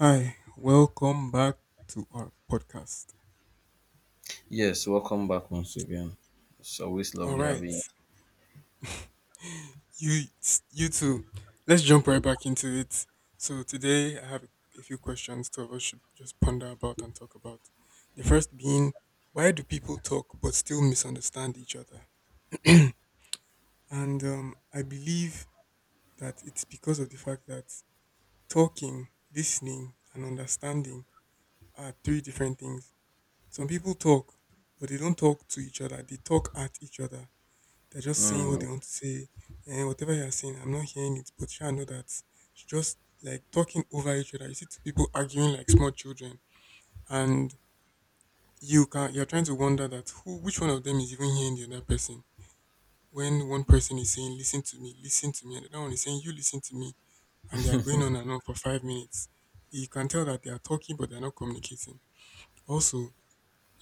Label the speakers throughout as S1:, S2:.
S1: Hi, welcome back to our podcast.
S2: Yes, welcome back once again. It's always
S1: All
S2: lovely
S1: right,
S2: having you.
S1: you you two, let's jump right back into it. So today I have a few questions two of us should just ponder about and talk about. The first being, why do people talk but still misunderstand each other? and I believe that it's because of the fact that talking, listening, and understanding are three different things. Some people talk, but they don't talk to each other. They talk at each other. They're just saying what they
S2: Mm,
S1: want to say. And whatever you're saying, I'm not hearing it, but sure, I know that it's just like talking over each other. You see two people arguing like small children, and you're trying to wonder that who which one of them is even hearing the other person. When one person is saying, "Listen to me, listen to me," and the other one is saying, "You listen to me," and they are going on and on for 5 minutes. You can tell that they are talking, but they're not communicating. Also,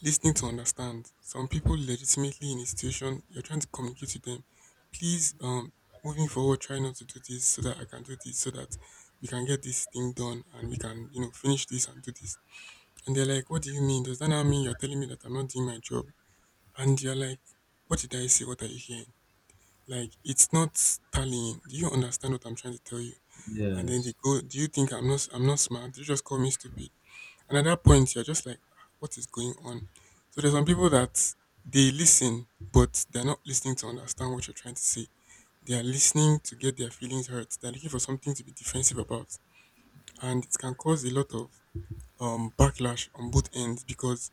S1: listening to understand. Some people legitimately, in a situation you're trying to communicate with them, "Please, moving forward, try not to do this so that I can do this so that we can get this thing done and we can, finish this and do this." And they're like, "What do you mean? Does that not mean you're telling me that I'm not doing my job?" And you're like, "What did I say? What are you hearing? Like, it's not tallying. Do you understand what I'm trying to tell you?" And then they
S2: yes.
S1: go, "Do you think I'm not smart? You just call me stupid." And at that point, you're just like, "Ah, what is going on?" So there's some people that they listen, but they're not listening to understand what you're trying to say. They are listening to get their feelings hurt. They're looking for something to be defensive about. And it can cause a lot of backlash on both ends because,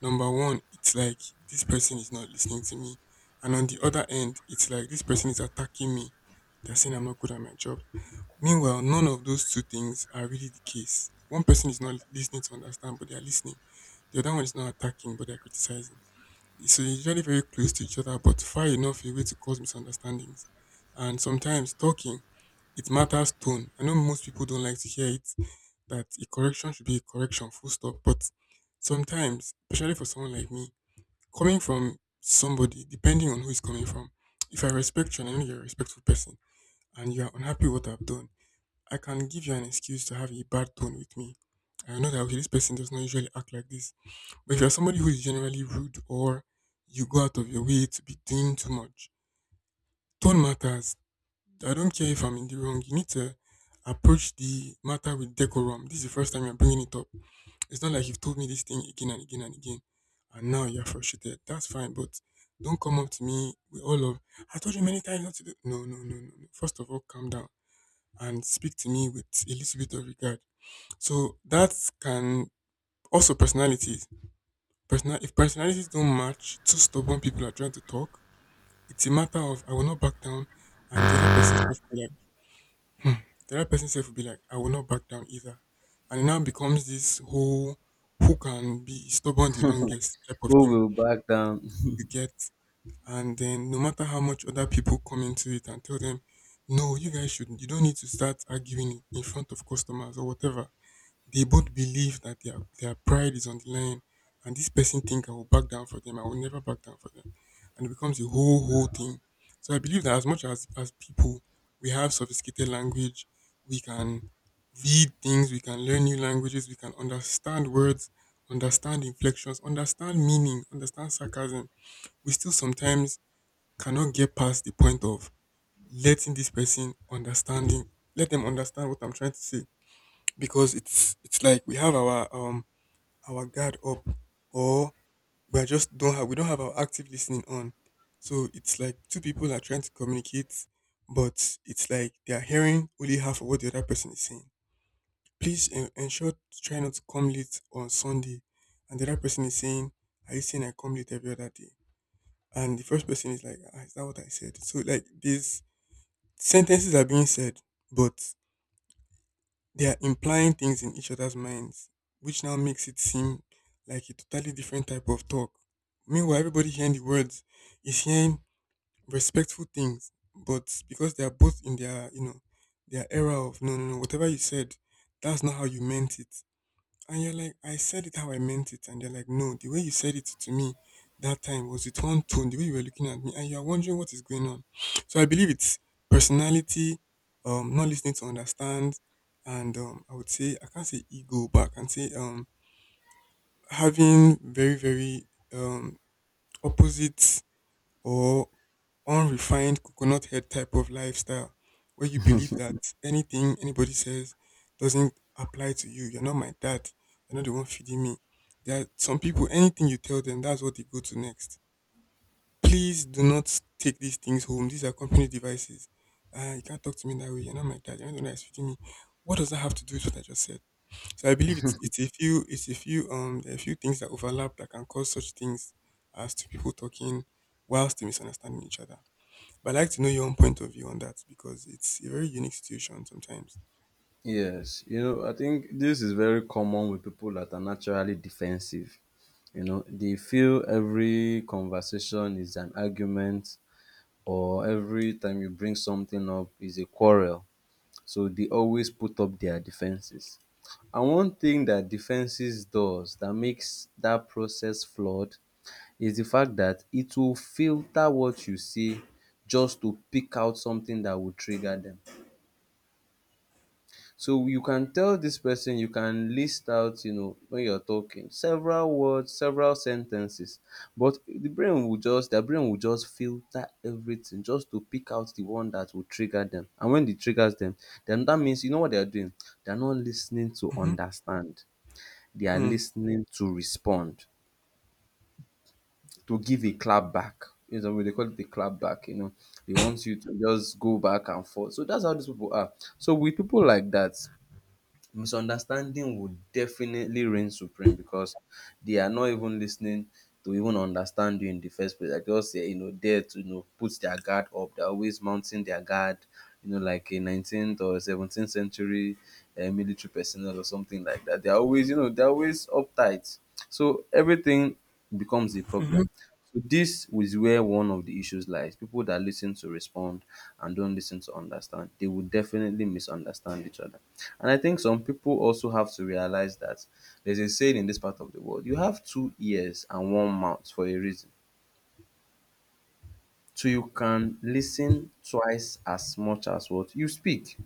S1: number one, it's like this person is not listening to me. And on the other end, it's like this person is attacking me. They're saying I'm not good at my job. Meanwhile, none of those two things are really the case. One person is not listening to understand, but they are listening. The other one is not attacking, but they're criticizing. So they're usually very close to each other, but far enough away to cause misunderstandings. And sometimes talking, it matters tone. I know most people don't like to hear it, that a correction should be a correction, full stop. But sometimes, especially for someone like me, coming from somebody, depending on who is coming from, if I respect you and I know you're a respectful person and you are unhappy with what I've done, I can give you an excuse to have a bad tone with me. I know that, okay, this person does not usually act like this, but if you're somebody who is generally rude or you go out of your way to be doing too much, tone matters. I don't care if I'm in the wrong. You need to approach the matter with decorum. This is the first time you're bringing it up. It's not like you've told me this thing again and again and again, and now you're frustrated. That's fine, but don't come up to me with all of, "I told you many times not to do." No, no, no, no, no. First of all, calm down and speak to me with a little bit of regard. So that can also personality, if personalities don't match, two stubborn people are trying to talk, it's a matter of, "I will not back down," and the other person self will be like, hmm. the other person self will be like, "I will not back down either," and it now becomes this whole who can be stubborn the longest type of
S2: Who
S1: thing
S2: will back down?
S1: you get. And then no matter how much other people come into it and tell them, "No, you guys shouldn't, you don't need to start arguing in front of customers or whatever." They both believe that their pride is on the line, and this person think, "I will back down for them. I will never back down for them," and it becomes a whole thing. So I believe that as much as people, we have sophisticated language, we can read things, we can learn new languages, we can understand words, understand inflections, understand meaning, understand sarcasm. We still sometimes cannot get past the point of letting this person understanding, let them understand what I'm trying to say because it's like we have our our guard up, or we don't have our active listening on. So it's like two people are trying to communicate, but it's like they are hearing only half of what the other person is saying. "Please ensure to try not to come late on Sunday," and the other person is saying, "Are you saying I come late every other day?" And the first person is like, "Ah, is that what I said?" So like these sentences are being said, but they are implying things in each other's minds, which now makes it seem like a totally different type of talk. Meanwhile, everybody hearing the words is hearing respectful things, but because they are both in their, their era of, "No, no, no, whatever you said, that's not how you meant it." And you're like, "I said it how I meant it." And they're like, "No, the way you said it to me that time was with one tone, the way you were looking at me," and you're wondering what is going on. So I believe it's personality, not listening to understand, and I would say, I can't say ego, but I can say, having very, very um, opposite or unrefined coconut head type of lifestyle where you believe that anything anybody says doesn't apply to you. "You're not my dad. You're not the one feeding me." There are some people, anything you tell them, that's what they go to next. "Please do not take these things home. These are company devices." "You can't talk to me that way. You're not my dad. You're not the one that's feeding me." What does that have to do with what I just said? So I believe it's a few there are a few things that overlap that can cause such things as two people talking whilst they misunderstanding each other. But I'd like to know your own point of view on that because it's a very unique situation sometimes.
S2: Yes. You know, I think this is very common with people that are naturally defensive. You know, they feel every conversation is an argument or every time you bring something up is a quarrel. So they always put up their defenses. And one thing that defenses does that makes that process flawed is the fact that it will filter what you see just to pick out something that will trigger them. So you can tell this person, you can list out, you know, when you're talking, several words, several sentences, but their brain will just filter everything just to pick out the one that will trigger them. And when it triggers them, then that means you know what they're doing? They're not listening to
S1: Mm-hmm.
S2: understand. They are
S1: Mm-hmm.
S2: listening to respond, to give a clap back. You know, they call it the clap back, you know. They want you to just go back and forth. So that's how these people are. So with people like that, misunderstanding would definitely reign supreme because they are not even listening to even understand you in the first place. Like they just say, you know, there to you know put their guard up. They're always mounting their guard, you know, like a 19th or 17th century military personnel or something like that. They're always, you know, they're always uptight. So everything becomes a
S1: Mm-hmm.
S2: problem. So this is where one of the issues lies. People that listen to respond and don't listen to understand, they will definitely misunderstand each other. And I think some people also have to realize that there's a saying in this part of the world: you have two ears and one mouth for a reason. So you can listen twice as much as what you speak.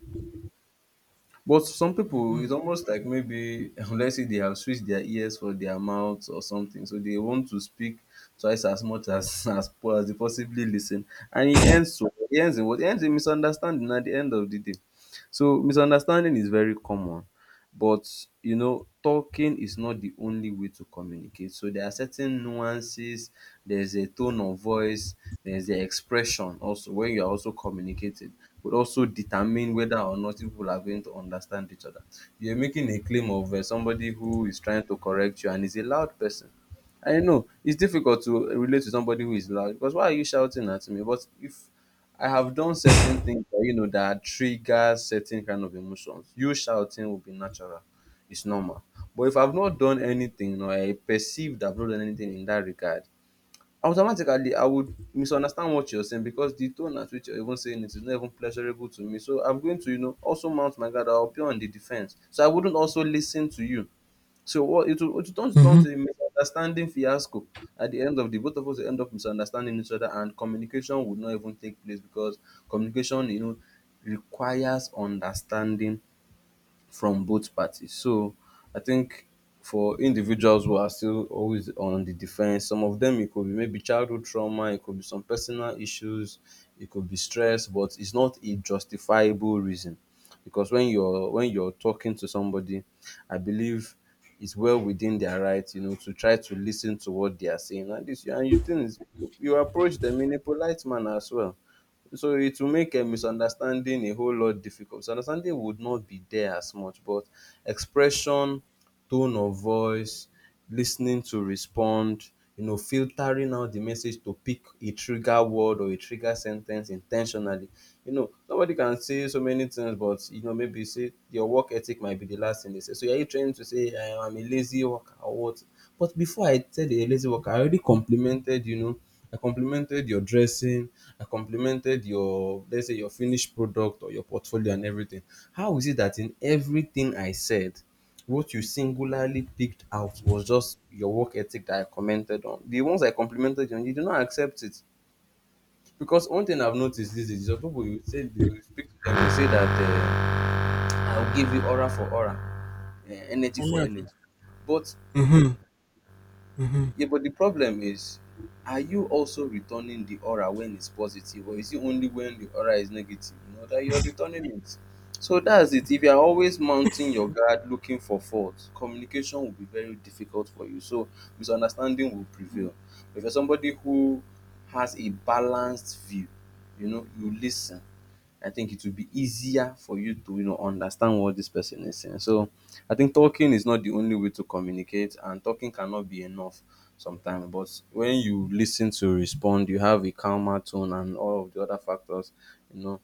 S2: But some people,
S1: Mm-hmm.
S2: it's almost like, maybe let's say they have switched their ears for their mouth or something, so they want to speak twice as much as as they possibly listen, and it ends to it ends in what it ends in misunderstanding at the end of the day. So misunderstanding is very common, but you know, talking is not the only way to communicate. So there are certain nuances, there's a tone of voice, there's the expression also when you are also communicating would also determine whether or not people are going to understand each other. You're making a claim of somebody who is trying to correct you and is a loud person. I know it's difficult to relate to somebody who is loud because why are you shouting at me? But if I have done certain things that you know that trigger certain kind of emotions, you shouting will be natural, it's normal. But if I've not done anything or I perceived I've not done anything in that regard, automatically I would misunderstand what you're saying because the tone at which you're even saying it is not even pleasurable to me. So I'm going to, you know, also mount my guard. I'll be on the defense. So I wouldn't also listen to you. So what it will turn to a misunderstanding fiasco. At the end of, the both of us will end up misunderstanding each other, and communication would not even take place because communication, you know, requires understanding from both parties. So I think for individuals who are still always on the defense, some of them, it could be maybe childhood trauma, it could be some personal issues, it could be stress, but it's not a justifiable reason. Because when you're talking to somebody, I believe it's well within their right, you know, to try to listen to what they are saying. And this, and you think you approach them in a polite manner as well, so it will make a misunderstanding a whole lot difficult. Misunderstanding would not be there as much, but expression, tone of voice, listening to respond, you know, filtering out the message to pick a trigger word or a trigger sentence intentionally. You know, somebody can say so many things, but you know, maybe say your work ethic might be the last thing they say. So are you trying to say I am a lazy worker or what? But before I said a lazy worker, I already complimented, you know, I complimented your dressing. I complimented your, let's say, your finished product or your portfolio and everything. How is it that in everything I said, what you singularly picked out was just your work ethic that I commented on? The ones I complimented you on, you do not accept it. Because one thing I've noticed these days is that people, you say, you speak to them, you say that I'll give you aura for aura, energy for energy. But.
S1: Mm-hmm.
S2: Yeah, but the problem is, are you also returning the aura when it's positive, or is it only when the aura is negative, you know, that you're returning it? So that's it. If you're always mounting your guard looking for fault, communication will be very difficult for you. So misunderstanding will prevail. If you're somebody who has a balanced view, you know, you listen, I think it will be easier for you to, you know, understand what this person is saying. So I think talking is not the only way to communicate, and talking cannot be enough sometimes. But when you listen to respond, you have a calmer tone and all of the other factors, you know,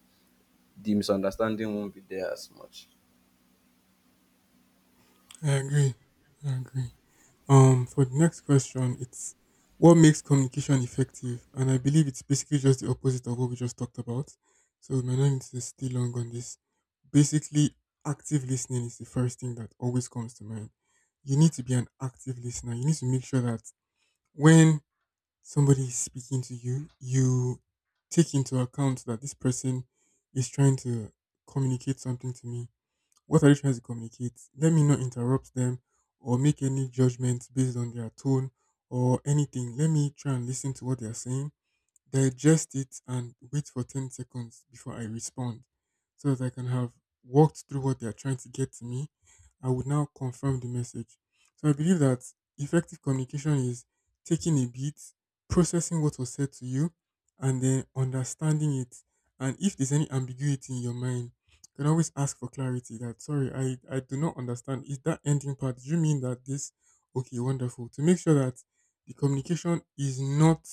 S2: the misunderstanding won't be there as much.
S1: I agree. I agree. For the next question, it's what makes communication effective? And I believe it's basically just the opposite of what we just talked about. So we might not need to stay long on this. Basically, active listening is the first thing that always comes to mind. You need to be an active listener. You need to make sure that when somebody is speaking to you, you take into account that this person is trying to communicate something to me. What are they trying to communicate? Let me not interrupt them or make any judgments based on their tone or anything. Let me try and listen to what they are saying, digest it, and wait for 10 seconds before I respond so that I can have walked through what they are trying to get to me. I would now confirm the message. So I believe that effective communication is taking a beat, processing what was said to you, and then understanding it. And if there's any ambiguity in your mind, you can always ask for clarity that, "Sorry, I do not understand. Is that ending part, do you mean that this?" "Okay, wonderful." To make sure that the communication is not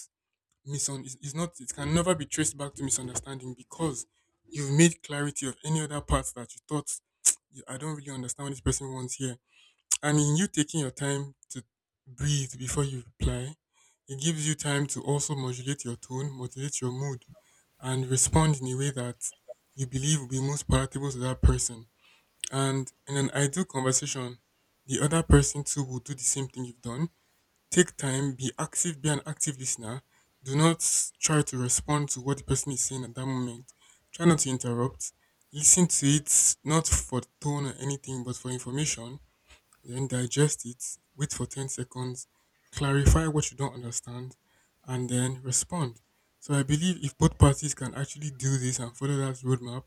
S1: misun it's not it can never be traced back to misunderstanding because you've made clarity of any other parts that you thought, I don't really understand what this person wants here." And in you taking your time to breathe before you reply, it gives you time to also modulate your tone, modulate your mood, and respond in a way that you believe will be most palatable to that person. And in an ideal conversation, the other person too will do the same thing you've done. Take time, be active, be an active listener. Do not try to respond to what the person is saying at that moment. Try not to interrupt. Listen to it, not for tone or anything, but for information. Then digest it. Wait for 10 seconds. Clarify what you don't understand. And then respond. So I believe if both parties can actually do this and follow that roadmap,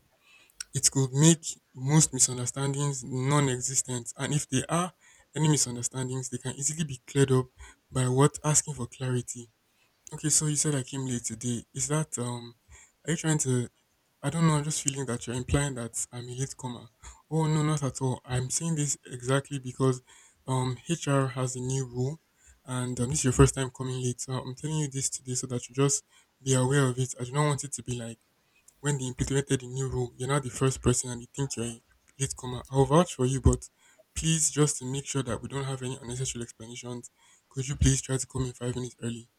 S1: it could make most misunderstandings non-existent and if there are any misunderstandings, they can easily be cleared up by what asking for clarity. Okay, so you said I came late today. Is that? Are you trying to? I don't know. I'm just feeling that you're implying that I'm a late comer. Oh no, not at all. I'm saying this exactly because HR has a new rule, and this is your first time coming late. So I'm telling you this today so that you just be aware of it. I do not want it to be like when they implemented the new rule, you're not the first person and they think you're a latecomer. I'll vouch for you, but please, just to make sure that we don't have any unnecessary explanations, could you please try to come in 5 minutes early?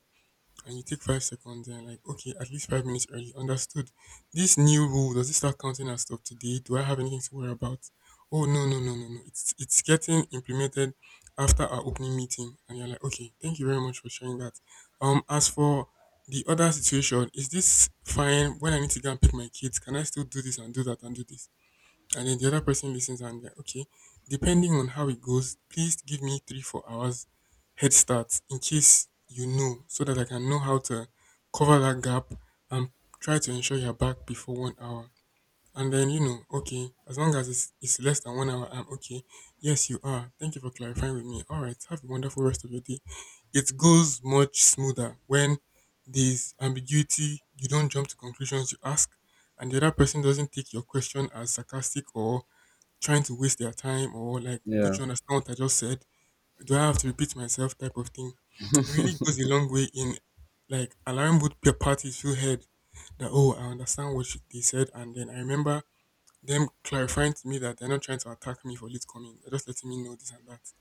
S1: And you take 5 seconds and like, okay, at least 5 minutes early. Understood. This new rule, does it start counting as stuff today? Do I have anything to worry about? Oh no, no, no, no, no. It's getting implemented after our opening meeting. And you're like, okay, thank you very much for sharing that. As for the other situation, is this fine when I need to go and pick my kids? Can I still do this and do that and do this? And then the other person listens and they're okay. Depending on how it goes, please give me three, 4 hours head start in case so that I can know how to cover that gap and try to ensure you're back before 1 hour. And then, okay, as long as it's less than 1 hour, I'm okay. Yes, you are. Thank you for clarifying with me. All right. Have a wonderful rest of your day. It goes much smoother when there's ambiguity. You don't jump to conclusions. You ask, and the other person doesn't take your question as sarcastic or trying to waste their time or like, don't
S2: Yeah.
S1: you understand what I just said? Do I have to repeat myself? Type of thing. It really goes a long way in like allowing both parties to heard that oh, I understand what they said, and then I remember them clarifying to me that they're not trying to attack me for late coming. They're just letting me know this and that.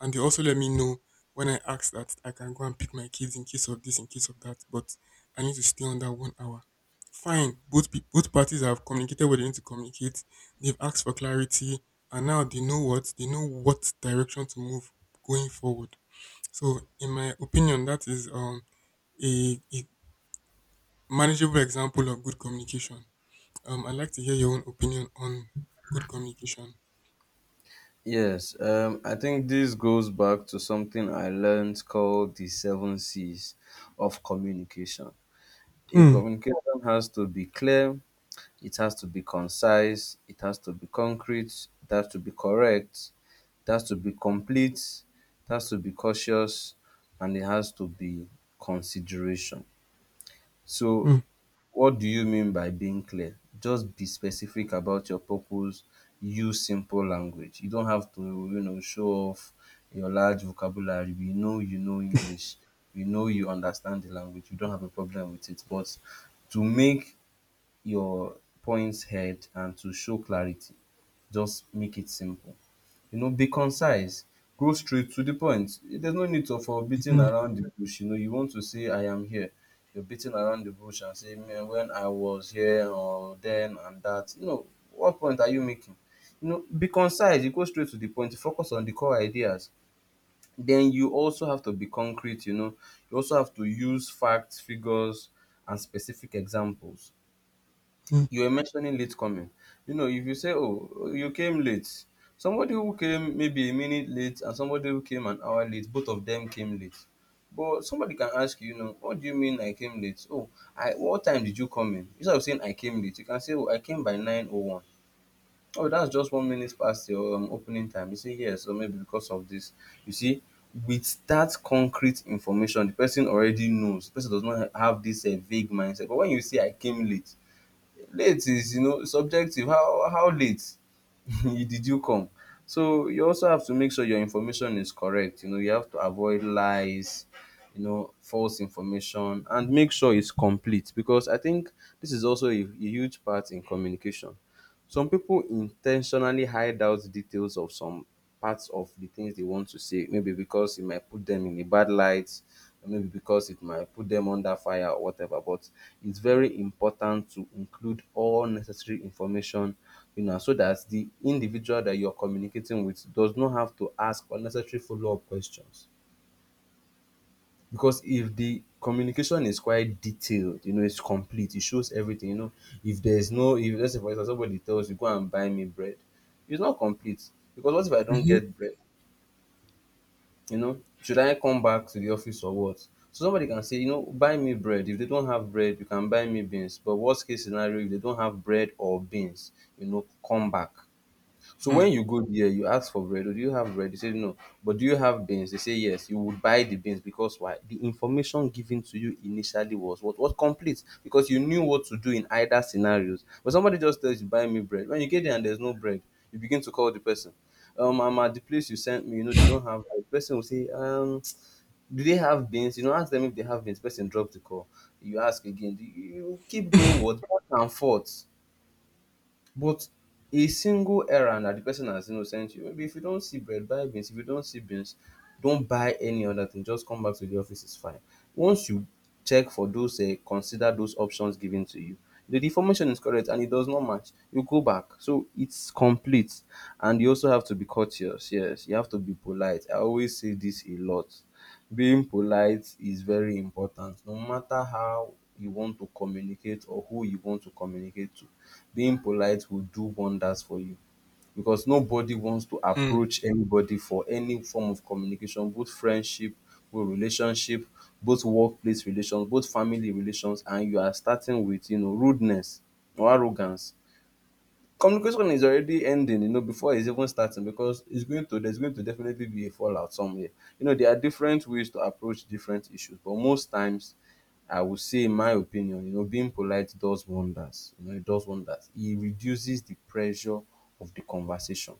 S1: And they also let me know when I ask that I can go and pick my kids in case of this, in case of that, but I need to stay on that 1 hour. Fine. Both parties have communicated what they need to communicate. They've asked for clarity, and now they know what direction to move going forward. So, in my opinion, that is a manageable example of good communication. I'd like to hear your own opinion on good communication.
S2: Yes, I think this goes back to something I learned called the seven C's of communication. A
S1: Hmm.
S2: communication has to be clear, it has to be concise, it has to be concrete, it has to be correct, it has to be complete, it has to be cautious, and it has to be consideration. So,
S1: Hmm.
S2: what do you mean by being clear? Just be specific about your purpose, use simple language. You don't have to, you know, show off your large vocabulary. We know you know English, we know you understand the language, you don't have a problem with it. But to make your points head and to show clarity, just make it simple. You know, be concise. Go straight to the point. There's no need to, for beating
S1: Hmm.
S2: around the bush. You know, you want to say, I am here. You're beating around the bush and say, man, when I was here, or then and that. You know, what point are you making? You know, be concise. You go straight to the point. Focus on the core ideas. Then you also have to be concrete. You know, you also have to use facts, figures, and specific examples.
S1: Hmm.
S2: You were mentioning late coming. You know, if you say, "Oh, you came late," somebody who came maybe a minute late and somebody who came an hour late, both of them came late. But somebody can ask you, you know, what do you mean I came late? Oh, I, what time did you come in? Instead of saying I came late, you can say, oh, I came by 9:01. Oh, that's just 1 minute past your opening time. You say yes, or maybe because of this. You see, with that concrete information, the person already knows. The person does not have this vague mindset. But when you say I came late, late is, you know, subjective. How late did you come? So you also have to make sure your information is correct. You know, you have to avoid lies, you know, false information, and make sure it's complete because I think this is also a huge part in communication. Some people intentionally hide out details of some parts of the things they want to say, maybe because it might put them in a bad light, or maybe because it might put them under fire or whatever. But it's very important to include all necessary information, you know, so that the individual that you're communicating with does not have to ask unnecessary follow-up questions. Because if the communication is quite detailed, you know, it's complete, it shows everything, you know. If there's no, if let's say for example somebody tells you, go and buy me bread, it's not complete. Because what if I don't
S1: Mhm.
S2: get bread? You know, should I come back to the office or what? So somebody can say, you know, buy me bread. If they don't have bread, you can buy me beans. But worst case scenario, if they don't have bread or beans, you know, come back. So
S1: Hmm.
S2: when you go there, you ask for bread, "Oh, do you have bread?" They say no. But do you have beans? They say yes. You would buy the beans because why? The information given to you initially was what was complete because you knew what to do in either scenarios. But somebody just tells you, "Buy me bread." When you get there and there's no bread, you begin to call the person. I'm at the place you sent me. You know they don't have. The person will say, do they have beans?" You know, ask them if they have beans. Person drops the call. You ask again. You keep going what back and forth, but a single errand that the person has, you know, sent you, maybe if you don't see bread, buy beans. If you don't see beans, don't buy any other thing. Just come back to the office is fine. Once you check for those consider those options given to you, the information is correct and it does not match, you go back. So it's complete. And you also have to be courteous. Yes, you have to be polite. I always say this a lot. Being polite is very important. No matter how you want to communicate or who you want to communicate to, being polite will do wonders for you, because nobody wants to
S1: Hmm.
S2: approach anybody for any form of communication, both friendship, both relationship, both workplace relations, both family relations, and you are starting with, you know, rudeness or arrogance. Communication is already ending, you know, before it's even starting, because it's going to, there's going to definitely be a fallout somewhere. You know, there are different ways to approach different issues, but most times, I would say, in my opinion, you know, being polite does wonders. You know, it does wonders. It reduces the pressure of the conversation,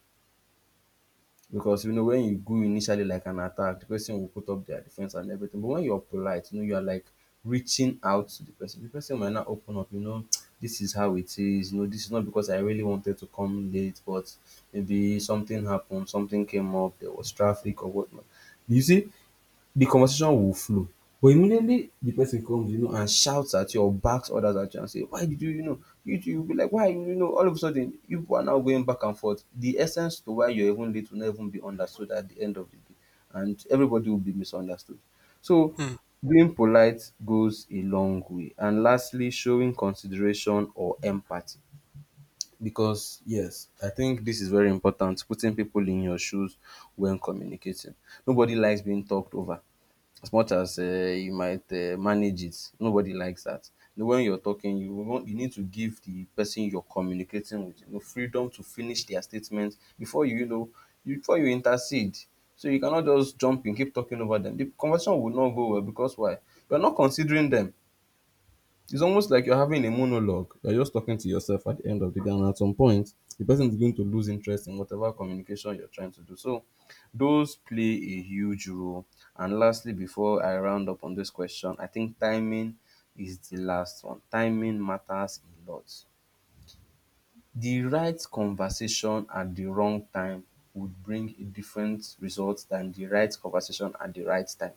S2: because you know when you go initially like an attack, the person will put up their defense and everything. But when you're polite, you know, you are like reaching out to the person. The person might not open up, you know, this is how it is, you know, this is not because I really wanted to come late, but maybe something happened, something came up, there was traffic or whatnot. You see, the conversation will flow. But immediately the person comes, you know, and shouts at you or backs others at you and say, "Why did you, you know, you two," you'll be like, "Why, you know," all of a sudden, you are now going back and forth. The essence to why you're even late will not even be understood at the end of the day, and everybody will be misunderstood. So,
S1: Hmm.
S2: being polite goes a long way. And lastly, showing consideration or empathy. Because, yes, I think this is very important, putting people in your shoes when communicating. Nobody likes being talked over. As much as you might manage it, nobody likes that. You know, when you're talking, you need to give the person you're communicating with, you know, freedom to finish their statement before before you intercede. So you cannot just jump in, keep talking over them. The conversation will not go well because why? You're not considering them. It's almost like you're having a monologue. You're just talking to yourself at the end of the day, and at some point, the person is going to lose interest in whatever communication you're trying to do. So, those play a huge role. And lastly, before I round up on this question, I think timing is the last one. Timing matters a lot. The right conversation at the wrong time would bring a different result than the right conversation at the right time.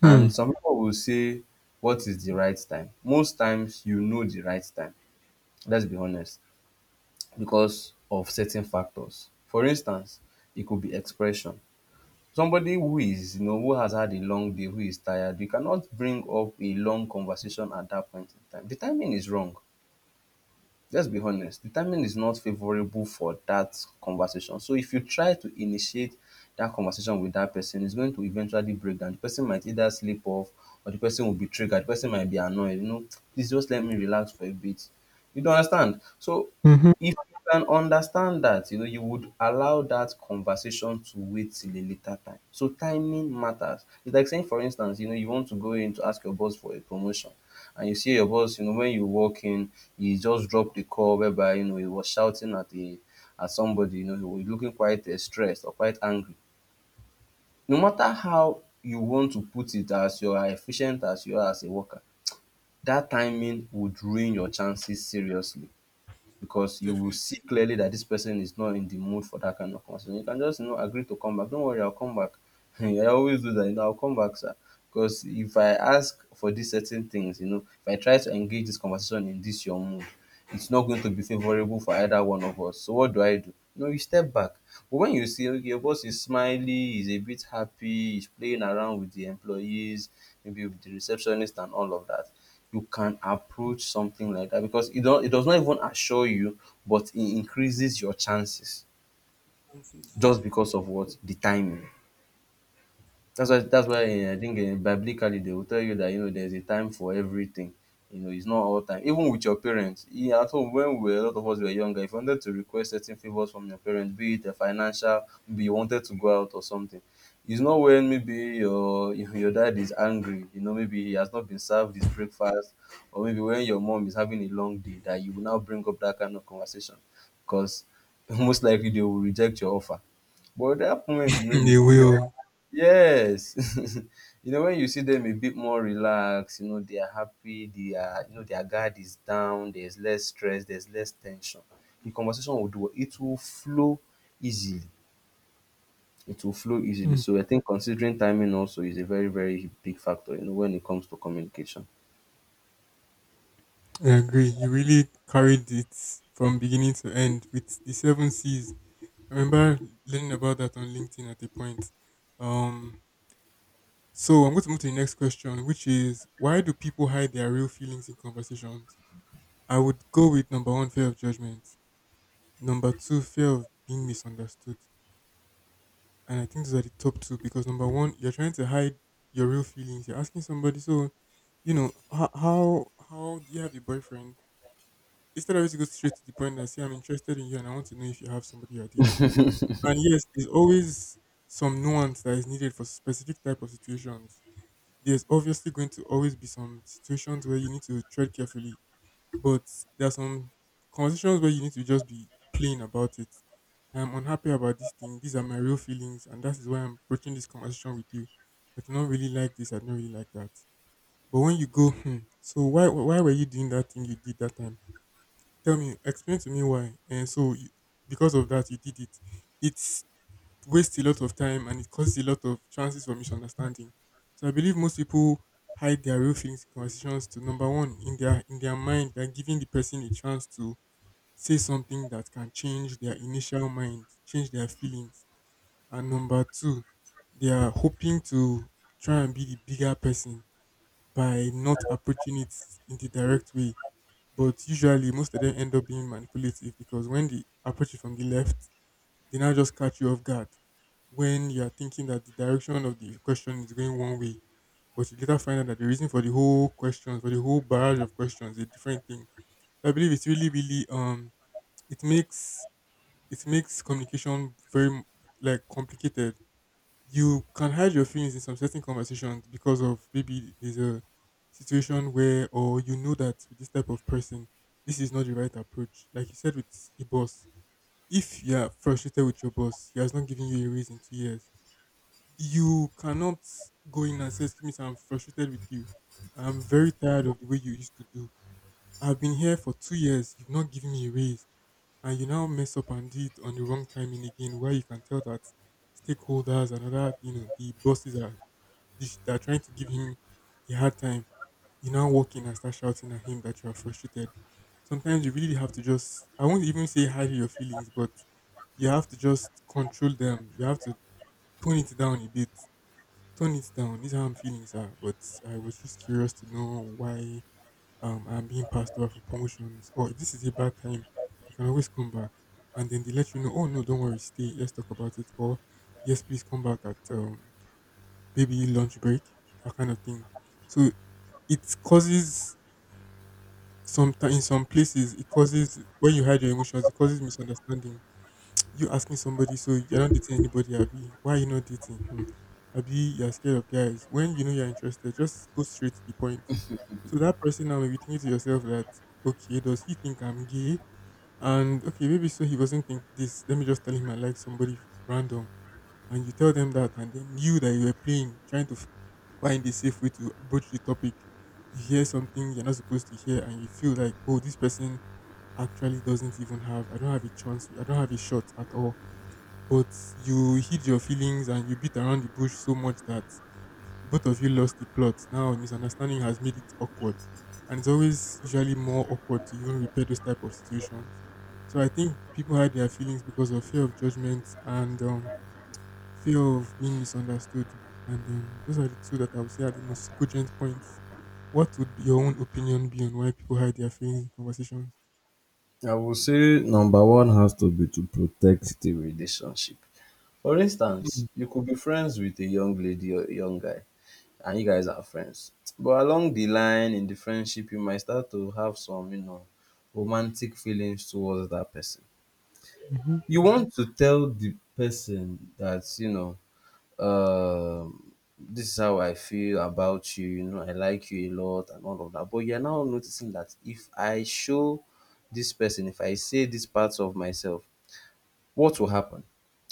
S1: Hmm.
S2: And some people will say, "What is the right time?" Most times, you know the right time. Let's be honest, because of certain factors. For instance, it could be expression. Somebody who is, you know, who has had a long day, who is tired, you cannot bring up a long conversation at that point in time. The timing is wrong. Let's be honest. The timing is not favorable for that conversation. So if you try to initiate that conversation with that person, it's going to eventually break down. The person might either slip off, or the person will be triggered. The person might be annoyed, you know, "Please just let me relax for a bit. You don't understand?" So
S1: Hmm.
S2: if you can understand that, you know, you would allow that conversation to wait till a later time. So timing matters. It's like saying, for instance, you know, you want to go in to ask your boss for a promotion, and you see your boss, you know, when you walk in, he just dropped the call whereby, you know, he was shouting at the at somebody. You know, he was looking quite stressed or quite angry. No matter how you want to put it, as you are efficient as you are as a worker, that timing would ruin your chances seriously, because you will see
S1: Definitely.
S2: clearly that this person is not in the mood for that kind of conversation. You can just, you know, agree to come back. Don't worry, I'll come back. I always do that. You know, I'll come back, sir. Because if I ask for these certain things, you know, if I try to engage this conversation in this your mood, it's not going to be favorable for either one of us. So what do I do? No, you step back. But when you see okay, your boss is smiley, he's a bit happy, he's playing around with the employees, maybe with the receptionist and all of that, you can approach something like that, because it does not even assure you, but it increases your chances
S1: Chances, yeah,
S2: just because of what, the timing. That's why
S1: I
S2: I think biblically they will tell you that, you know, there's a time for everything. You know, it's not all time. Even with your parents, at home when we were, a lot of us were younger, if you wanted to request certain favors from your parents, be it a financial, be you wanted to go out or something, it's not when maybe your your dad is angry, you know, maybe he has not been served his breakfast, or maybe when your mom is having a long day, that you will now bring up that kind of conversation, because most likely they will reject your offer. But that moment, you know,
S1: agree.
S2: you
S1: They
S2: see them.
S1: will.
S2: Yes. You know, when you see them a bit more relaxed, you know, they are happy, they are, you know, their guard is down, there's less stress, there's less tension. The conversation will do it will flow easily. It will flow easily.
S1: Hmm.
S2: So I think considering timing also is a very, very big factor, you know, when it comes to communication.
S1: I agree. You really carried it from beginning to end with the seven C's. I remember learning about that on LinkedIn at a point. Um, so I'm going to move to the next question, which is why do people hide their real feelings in conversations? I would go with number one, fear of judgment. Number two, fear of being misunderstood. And I think those are the top two because number one, you're trying to hide your real feelings. You're asking somebody, so you know how do you have a boyfriend? Instead of you to go straight to the point and say I'm interested in you and I want to know if you have somebody you're dating. And yes, there's always some nuance that is needed for specific type of situations. There's obviously going to always be some situations where you need to tread carefully. But there are some conversations where you need to just be plain about it. I'm unhappy about this thing. These are my real feelings, and that is why I'm approaching this conversation with you. I do not really like this. I don't really like that. But when you go, hmm, so why were you doing that thing you did that time? Tell me, explain to me why. And so you, because of that, you did it. It's waste a lot of time and it causes a lot of chances for misunderstanding. So I believe most people hide their real feelings in conversations to number one, in their mind, they're giving the person a chance to say something that can change their initial mind, change their feelings. And number two, they are hoping to try and be the bigger person by not approaching it in the direct way. But usually most of them end up being manipulative because when they approach it from the left, they now just catch you off guard when you are thinking that the direction of the question is going one way, but you later find out that the reason for the whole questions, for the whole barrage of questions, is a different thing. So, I believe it's really, really, it makes communication like complicated. You can hide your feelings in some certain conversations because of maybe there's a situation where, or you know that with this type of person, this is not the right approach. Like you said with your boss, if you are frustrated with your boss, he has not given you a raise in 2 years, you cannot go in and say, excuse me, sir, I'm frustrated with you. I'm very tired of the way you used to do. I've been here for 2 years, you've not given me a raise, and you now mess up and do it on the wrong timing again, where you can tell that stakeholders and other, you know, the bosses are, they are trying to give him a hard time. You now walk in and start shouting at him that you are frustrated. Sometimes you really have to just, I won't even say hide your feelings, but you have to just control them. You have to tone it down a bit. Tone it down. These are how I'm feeling, sir. But I was just curious to know why I'm being passed over for promotions. Or if this is a bad time, I can always come back. And then they let you know, oh, no, don't worry, stay. Let's talk about it. Or, yes, please come back at baby lunch break, that kind of thing. So it causes, sometimes in some places it causes, when you hide your emotions it causes misunderstanding. You asking somebody, so you're not dating anybody, abi why are you not dating, hmm. Abi you're scared of guys, when you know you're interested, just go straight to the point. So that person now may be thinking to yourself that, okay, does he think I'm gay, and okay, maybe so he doesn't think this, let me just tell him I like somebody random. And you tell them that, and then you that you were playing, trying to find a safe way to broach the topic, you hear something you're not supposed to hear, and you feel like, oh, this person actually doesn't even have, I don't have a chance, I don't have a shot at all. But you hid your feelings and you beat around the bush so much that both of you lost the plot. Now misunderstanding has made it awkward, and it's always usually more awkward to even repair those type of situations. So I think people hide their feelings because of fear of judgment and fear of being misunderstood. And those are the two that I would say are the most cogent points. What would be your own opinion be on why people hide their feelings in conversations?
S2: I will say number one has to be to protect the relationship. For
S1: Hmm.
S2: instance, you could be friends with a young lady or a young guy, and you guys are friends. But along the line in the friendship, you might start to have some, you know, romantic feelings towards that person.
S1: Mhm.
S2: You want to tell the person that, you know, um, this is how I feel about you, you know, I like you a lot and all of that. But you're now noticing that if I show this person, if I say these parts of myself, what will happen?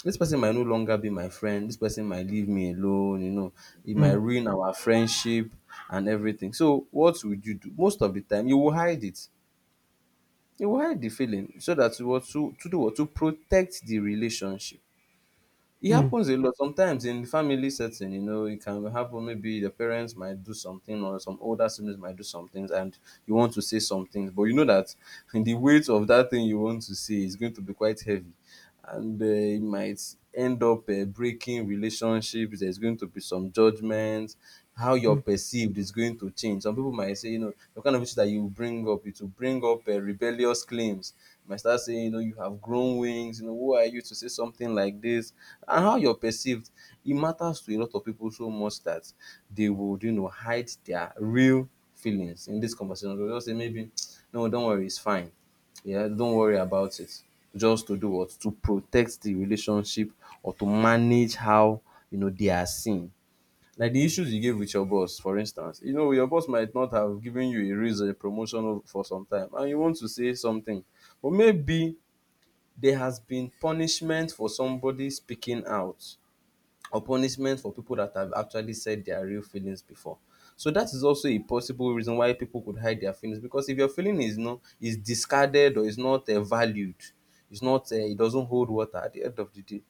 S2: This person might no longer be my friend. This person might leave me alone, you know. It might
S1: Mm.
S2: ruin our friendship and everything. So what would you do? Most of the time you will hide it. You will hide the feeling so that you will to do what? To protect the relationship. It
S1: Mm.
S2: happens a lot sometimes in family setting, you know, it can happen. Maybe the parents might do something, or some older siblings might do some things, and you want to say some things, but you know that the weight of that thing you want to say is going to be quite heavy, and it might end up breaking relationships. There's going to be some judgments, how you're
S1: Mm.
S2: perceived is going to change. Some people might say, you know, the kind of issue that you bring up, it will bring up rebellious claims. You might start saying, you know, you have grown wings, you know, who are you to say something like this? And how you're perceived, it matters to a lot of people so much that they would, you know, hide their real feelings in this conversation. They'll just say, maybe, "No, don't worry, it's fine. Yeah, don't worry about it." Just to do what? To protect the relationship or to manage how, you know, they are seen. Like the
S1: Mm.
S2: issues you gave with your boss, for instance, you know, your boss might not have given you a raise or a promotion for some time, and you want to say something, but maybe there has been punishment for somebody speaking out, or punishment for people that have actually said their real feelings before. So that is also a possible reason why people could hide their feelings, because if your feeling is no is discarded or is not valued, it's not it doesn't hold water at the end of the day.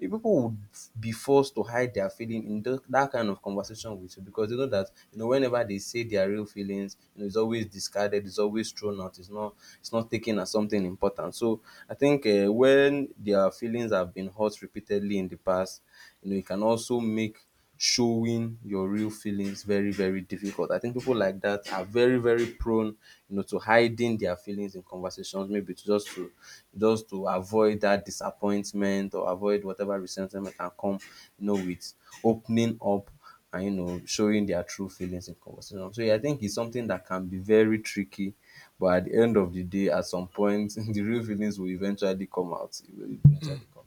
S2: People would be forced to hide their feeling in that kind of conversation with you, because they know that, you know, whenever they say their real feelings, you know, it's always discarded, it's always thrown out, it's not taken as something important. So I think when their feelings have been hurt repeatedly in the past. You know, it can also make showing your real feelings very, very difficult. I think people like that are very, very prone, you know, to hiding their feelings in conversations, maybe to just to just to avoid that disappointment or avoid whatever resentment can come, you know, with opening up and, you know, showing their true feelings in conversation. So yeah, I think it's something that can be very tricky. But at the end of the day, at some point, the real feelings will eventually come out. It will
S1: Mm.
S2: eventually come.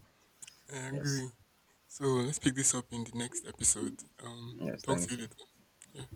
S1: I
S2: Yes.
S1: agree. So let's pick this up in the next episode. Um,
S2: Yes,
S1: talk to
S2: thank
S1: you
S2: you.
S1: later. Yeah.